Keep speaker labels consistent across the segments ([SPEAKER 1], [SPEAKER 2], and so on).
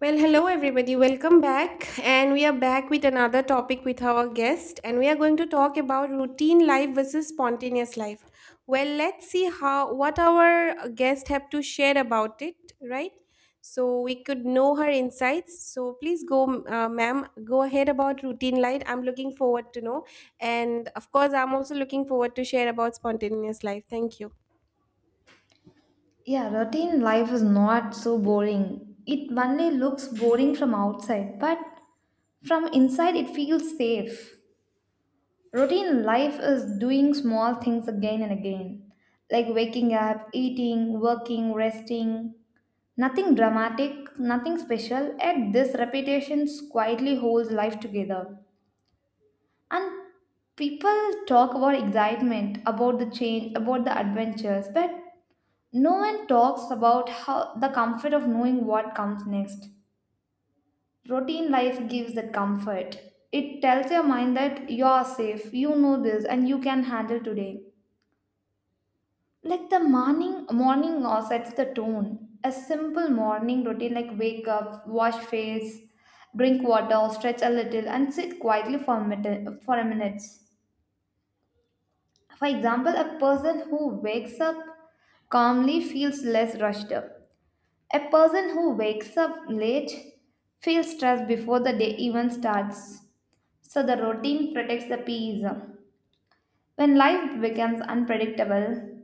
[SPEAKER 1] Well, hello everybody, welcome back. And we are back with another topic with our guest, and we are going to talk about routine life versus spontaneous life. Well, let's see how what our guest have to share about it, right? So we could know her insights. So please go, ma'am, go ahead about routine life. I'm looking forward to know, and of course, I'm also looking forward to share about spontaneous life. Thank you.
[SPEAKER 2] Yeah, routine life is not so boring. It only looks boring from outside, but from inside it feels safe. Routine life is doing small things again and again, like waking up, eating, working, resting. Nothing dramatic, nothing special, and this repetition quietly holds life together. And people talk about excitement, about the change, about the adventures, but no one talks about how the comfort of knowing what comes next. Routine life gives that comfort. It tells your mind that you are safe, you know this, and you can handle today. Like the morning sets the tone. A simple morning routine like wake up, wash face, drink water, stretch a little, and sit quietly for a minute. For a minute. For example, a person who wakes up calmly feels less rushed up. A person who wakes up late feels stressed before the day even starts. So the routine protects the peace. When life becomes unpredictable,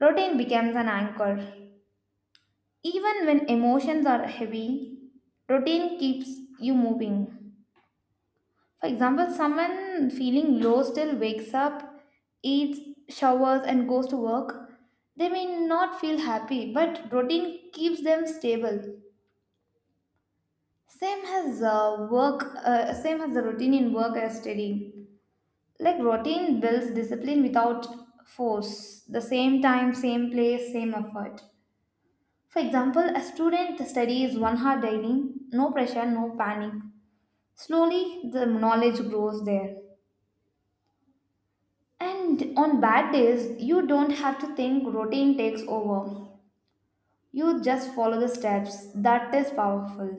[SPEAKER 2] routine becomes an anchor. Even when emotions are heavy, routine keeps you moving. For example, someone feeling low still wakes up, eats, showers, and goes to work. They may not feel happy, but routine keeps them stable. Same as work, same as the routine in work as studying. Like routine builds discipline without force. The same time, same place, same effort. For example, a student studies 1 hour daily, no pressure, no panic. Slowly, the knowledge grows there. And on bad days, you don't have to think routine takes over. You just follow the steps. That is powerful.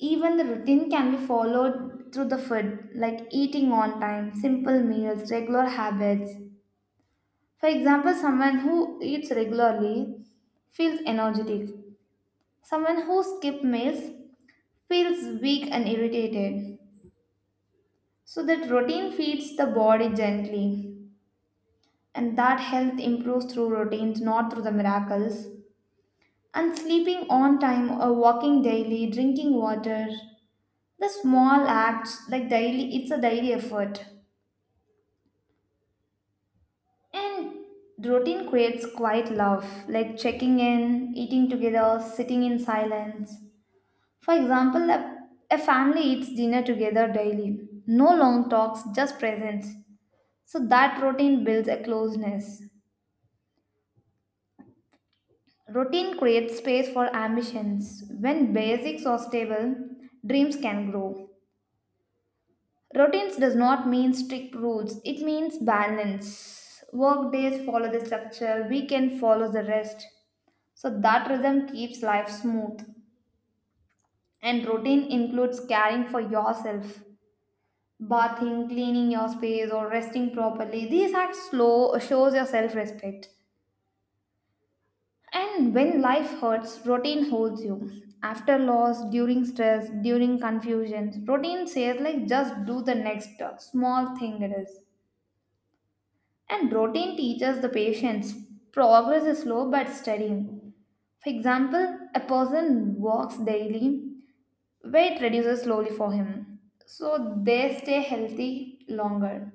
[SPEAKER 2] Even the routine can be followed through the food, like eating on time, simple meals, regular habits. For example, someone who eats regularly feels energetic. Someone who skips meals feels weak and irritated. So that routine feeds the body gently, and that health improves through routines, not through the miracles. And sleeping on time or walking daily, drinking water, the small acts like daily, it's a daily effort. And the routine creates quiet love, like checking in, eating together, sitting in silence. For example, a family eats dinner together daily. No long talks, just presence. So that routine builds a closeness. Routine creates space for ambitions. When basics are stable, dreams can grow. Routines does not mean strict rules, it means balance. Work days follow the structure, weekend follows the rest. So that rhythm keeps life smooth. And routine includes caring for yourself, bathing, cleaning your space, or resting properly. These acts slow shows your self-respect. And when life hurts, routine holds you. After loss, during stress, during confusion, routine says like just do the next small thing it is. And routine teaches the patience. Progress is slow but steady. For example, a person walks daily, weight reduces slowly for him, so they stay healthy longer.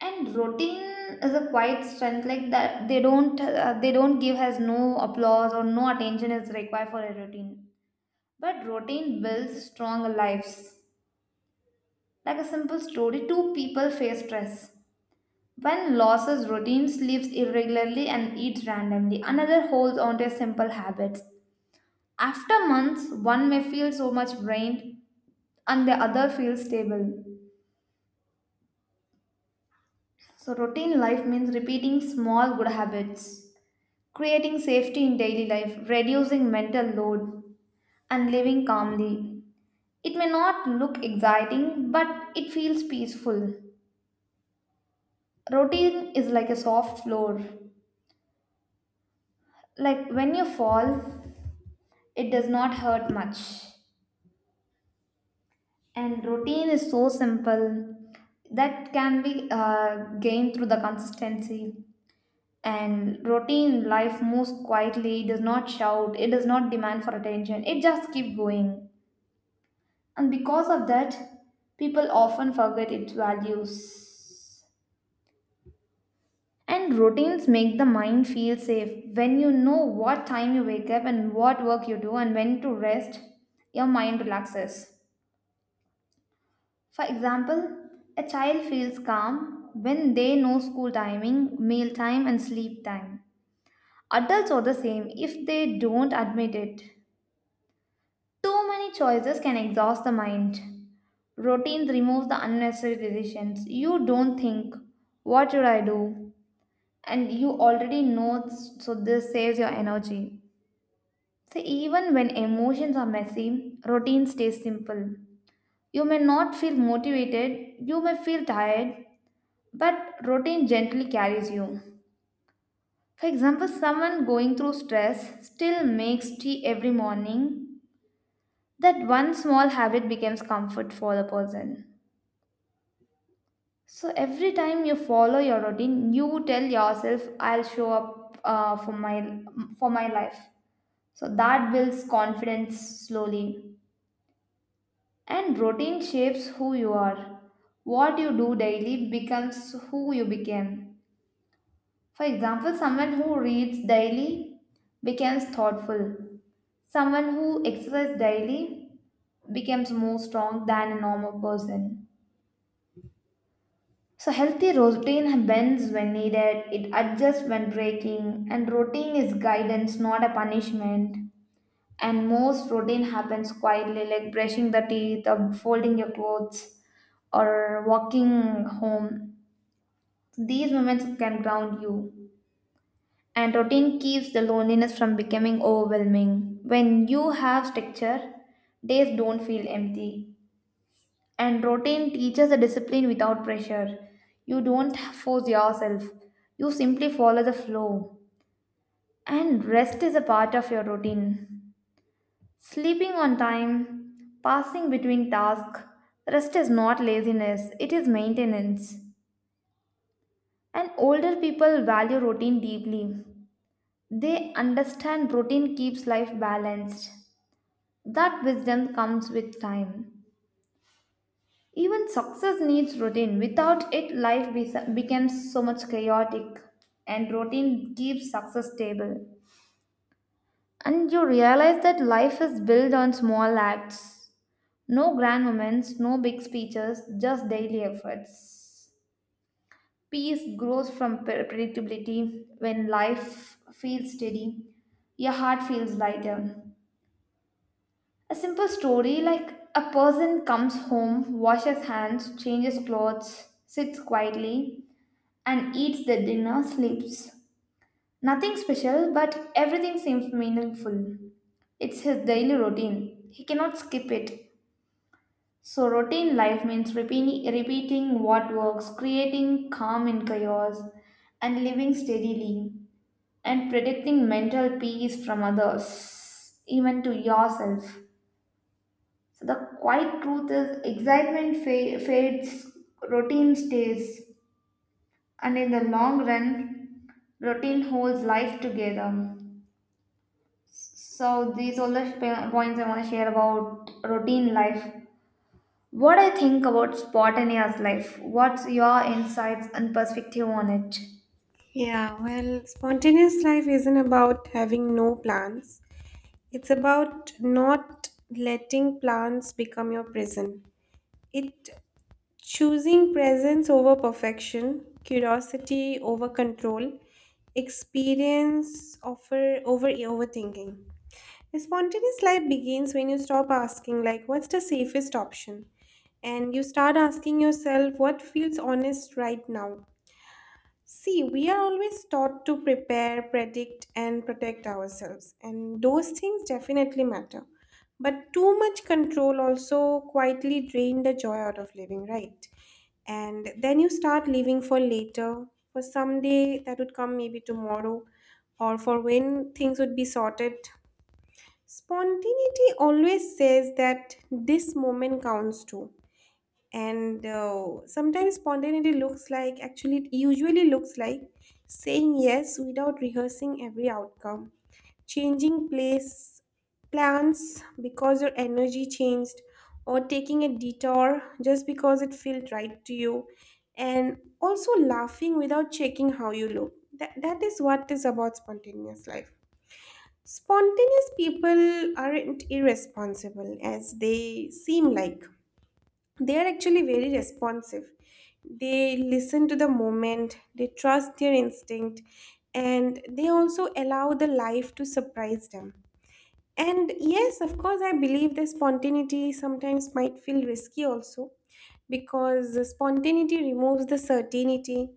[SPEAKER 2] And routine is a quiet strength like that they don't give, has no applause or no attention is required for a routine, but routine builds strong lives. Like a simple story, two people face stress. One loses routine, sleeps irregularly and eats randomly, another holds on to simple habits. After months, one may feel so much drained and the other feels stable. So, routine life means repeating small good habits, creating safety in daily life, reducing mental load, and living calmly. It may not look exciting, but it feels peaceful. Routine is like a soft floor. Like when you fall, it does not hurt much. And routine is so simple that can be gained through the consistency. And routine life moves quietly. It does not shout, it does not demand for attention, it just keep going. And because of that, people often forget its values. And routines make the mind feel safe. When you know what time you wake up and what work you do and when to rest, your mind relaxes. For example, a child feels calm when they know school timing, meal time and sleep time. Adults are the same if they don't admit it. Too many choices can exhaust the mind. Routine removes the unnecessary decisions. You don't think, what should I do? And you already know, so this saves your energy. So, even when emotions are messy, routine stays simple. You may not feel motivated, you may feel tired, but routine gently carries you. For example, someone going through stress still makes tea every morning. That one small habit becomes comfort for the person. So every time you follow your routine, you tell yourself, "I'll show up for my life." So that builds confidence slowly, and routine shapes who you are. What you do daily becomes who you became. For example, someone who reads daily becomes thoughtful. Someone who exercises daily becomes more strong than a normal person. So healthy routine bends when needed, it adjusts when breaking, and routine is guidance, not a punishment. And most routine happens quietly, like brushing the teeth or folding your clothes or walking home. These moments can ground you. And routine keeps the loneliness from becoming overwhelming. When you have structure, days don't feel empty. And routine teaches a discipline without pressure. You don't force yourself, you simply follow the flow. And rest is a part of your routine. Sleeping on time, passing between tasks, rest is not laziness, it is maintenance. And older people value routine deeply. They understand routine keeps life balanced. That wisdom comes with time. Even success needs routine. Without it, life becomes so much chaotic, and routine keeps success stable. And you realize that life is built on small acts. No grand moments, no big speeches, just daily efforts. Peace grows from predictability. When life feels steady, your heart feels lighter. A simple story like a person comes home, washes hands, changes clothes, sits quietly, and eats the dinner, sleeps. Nothing special, but everything seems meaningful. It's his daily routine. He cannot skip it. So, routine life means repeating what works, creating calm in chaos, and living steadily, and predicting mental peace from others, even to yourself. So, the quiet truth is excitement fades, routine stays. And in the long run, routine holds life together. So these all the points I want to share about routine life. What I think about spontaneous life, what's your insights and perspective on it?
[SPEAKER 1] Yeah, well, spontaneous life isn't about having no plans. It's about not letting plans become your prison. It choosing presence over perfection, curiosity over control, experience overthinking. A spontaneous life begins when you stop asking like what's the safest option and you start asking yourself what feels honest right now. See, we are always taught to prepare, predict, and protect ourselves, and those things definitely matter. But too much control also quietly drain the joy out of living, right? And then you start living for later, for someday that would come maybe tomorrow, or for when things would be sorted. Spontaneity always says that this moment counts too, and sometimes spontaneity looks like, actually it usually looks like saying yes without rehearsing every outcome, changing place plans because your energy changed, or taking a detour just because it felt right to you, and also laughing without checking how you look. That is what is about spontaneous life. Spontaneous people aren't irresponsible as they seem like, they are actually very responsive. They listen to the moment, they trust their instinct, and they also allow the life to surprise them. And yes, of course, I believe the spontaneity sometimes might feel risky also, because the spontaneity removes the certainty,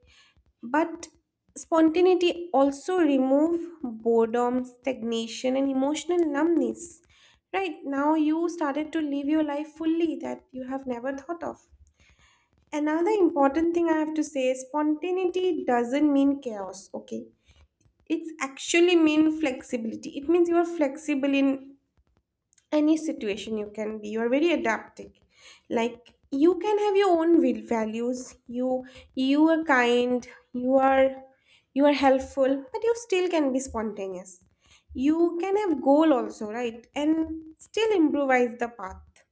[SPEAKER 1] but spontaneity also remove boredom, stagnation, and emotional numbness. Right now, you started to live your life fully that you have never thought of. Another important thing I have to say is spontaneity doesn't mean chaos, okay? It's actually mean flexibility. It means you are flexible in any situation you can be. You are very adaptive. Like you can have your own will values. You are kind, you are you are helpful, but you still can be spontaneous. You can have goal also, right? And still improvise the path.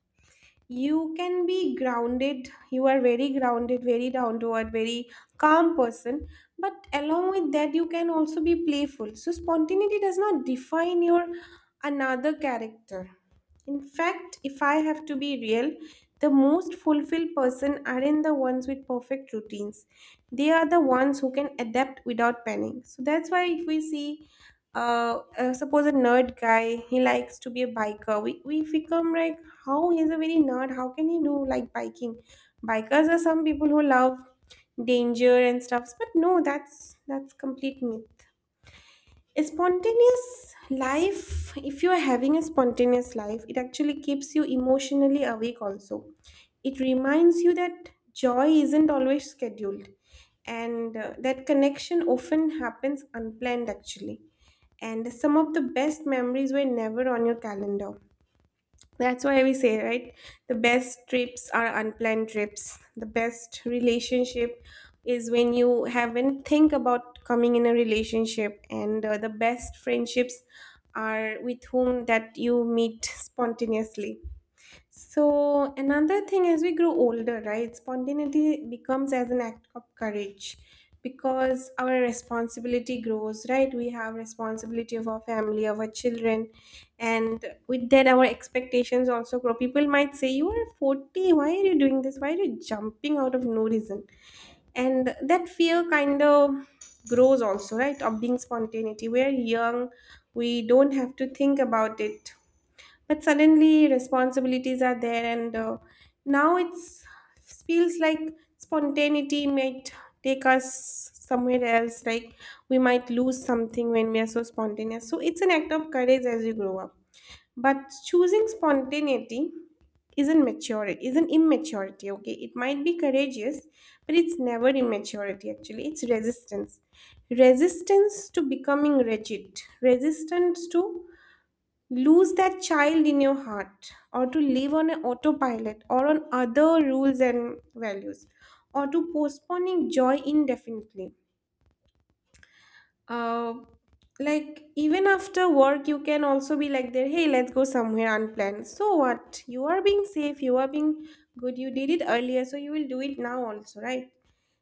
[SPEAKER 1] You can be grounded, you are very grounded, very down to earth, very calm person, but along with that you can also be playful. So spontaneity does not define your another character. In fact, if I have to be real, the most fulfilled person aren't the ones with perfect routines. They are the ones who can adapt without panic. So that's why if we see, suppose a nerd guy he likes to be a biker, we become like, how he's a very nerd, how can he do like biking? Bikers are some people who love danger and stuffs, but no, that's complete myth. A spontaneous life, if you are having a spontaneous life, it actually keeps you emotionally awake also. It reminds you that joy isn't always scheduled, and that connection often happens unplanned actually, and some of the best memories were never on your calendar. That's why we say, right? The best trips are unplanned trips. The best relationship is when you haven't think about coming in a relationship, and the best friendships are with whom that you meet spontaneously. So another thing, as we grow older, right? Spontaneity becomes as an act of courage because our responsibility grows, right? We have responsibility of our family, of our children, and with that our expectations also grow. People might say, "You are 40, why are you doing this? Why are you jumping out of no reason?" And that fear kind of grows also, right? Of being spontaneity. We are young, we don't have to think about it, but suddenly responsibilities are there, and now it's feels like spontaneity might take us somewhere else, like we might lose something when we are so spontaneous. So it's an act of courage as you grow up, but choosing spontaneity isn't maturity, isn't immaturity, okay? It might be courageous, but it's never immaturity. Actually it's resistance, resistance to becoming rigid, resistance to lose that child in your heart, or to live on an autopilot or on other rules and values, or to postponing joy indefinitely. Uh, like even after work you can also be like there, hey, let's go somewhere unplanned. So what, you are being safe, you are being good, you did it earlier so you will do it now also, right?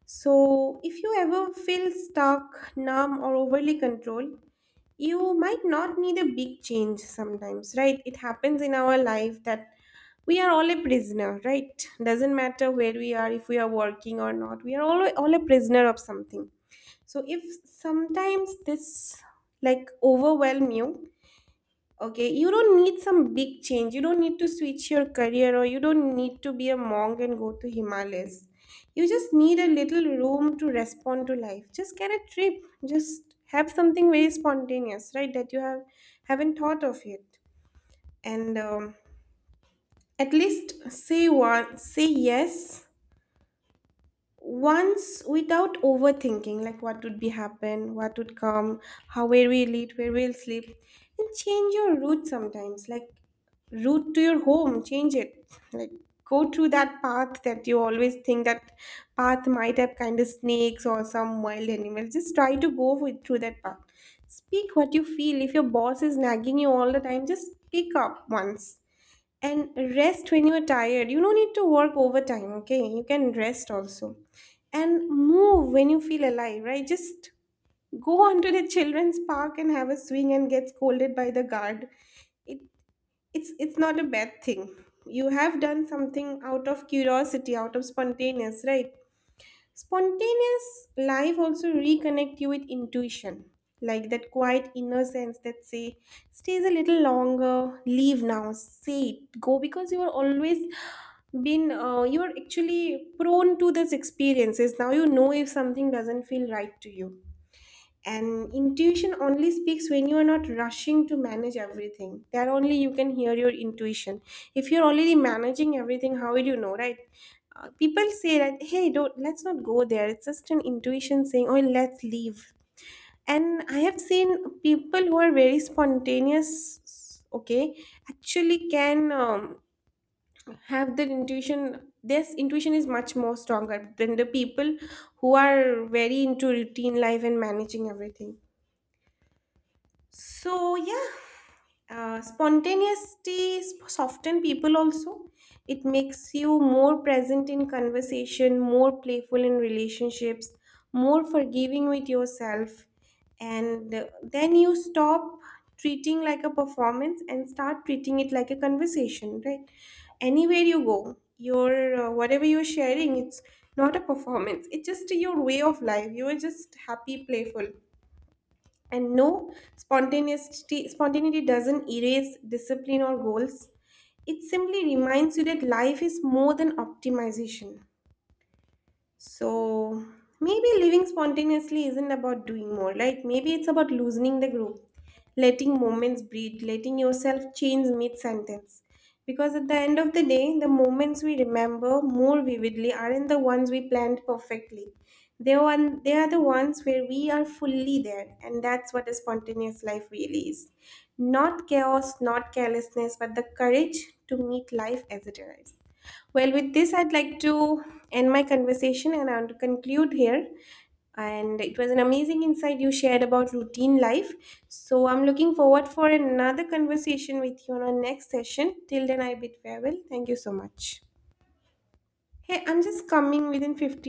[SPEAKER 1] So if you ever feel stuck, numb, or overly controlled, you might not need a big change sometimes, right? It happens in our life that we are all a prisoner, right? Doesn't matter where we are, if we are working or not, we are all a prisoner of something. So if sometimes this like overwhelm you. Okay, you don't need some big change. You don't need to switch your career, or you don't need to be a monk and go to Himalayas. You just need a little room to respond to life. Just get a trip. Just have something very spontaneous, right? That you have haven't thought of yet. And at least say one, say yes once without overthinking, like what would be happen, what would come, how, where we'll eat, where we'll sleep, and change your route sometimes, like route to your home, change it, like go through that path that you always think that path might have kind of snakes or some wild animals, just try to go through that path. Speak what you feel. If your boss is nagging you all the time, just speak up once. And rest when you're tired. You don't need to work overtime, okay? You can rest also. And move when you feel alive, right? Just go onto the children's park and have a swing and get scolded by the guard. It, it's not a bad thing. You have done something out of curiosity, out of spontaneous, right? Spontaneous life also reconnect you with intuition, like that quiet inner sense that say, stays a little longer, leave now, say it, go, because you are always been, you are actually prone to this experiences. Now you know if something doesn't feel right to you. And intuition only speaks when you are not rushing to manage everything. There only you can hear your intuition. If you're already managing everything, how will you know, right? People say that, hey, don't, let's not go there. It's just an intuition saying, oh, let's leave. And I have seen people who are very spontaneous, okay, actually can have that intuition. This intuition is much more stronger than the people who are very into routine life and managing everything. So, yeah, spontaneity soften people also. It makes you more present in conversation, more playful in relationships, more forgiving with yourself. And then you stop treating like a performance and start treating it like a conversation, right? Anywhere you go, your whatever you're sharing, it's not a performance. It's just your way of life. You are just happy, playful, and no, spontaneity doesn't erase discipline or goals. It simply reminds you that life is more than optimization. So maybe living spontaneously isn't about doing more. Like maybe it's about loosening the group, letting moments breathe, letting yourself change mid sentence. Because at the end of the day, the moments we remember more vividly aren't the ones we planned perfectly. They are, one, they are the ones where we are fully there, and that's what a spontaneous life really is. Not chaos, not carelessness, but the courage to meet life as it arrives. Well, with this, I'd like to end my conversation and I want to conclude here. And it was an amazing insight you shared about routine life. So I'm looking forward for another conversation with you on our next session. Till then, I bid farewell. Thank you so much. Hey, I'm just coming within 15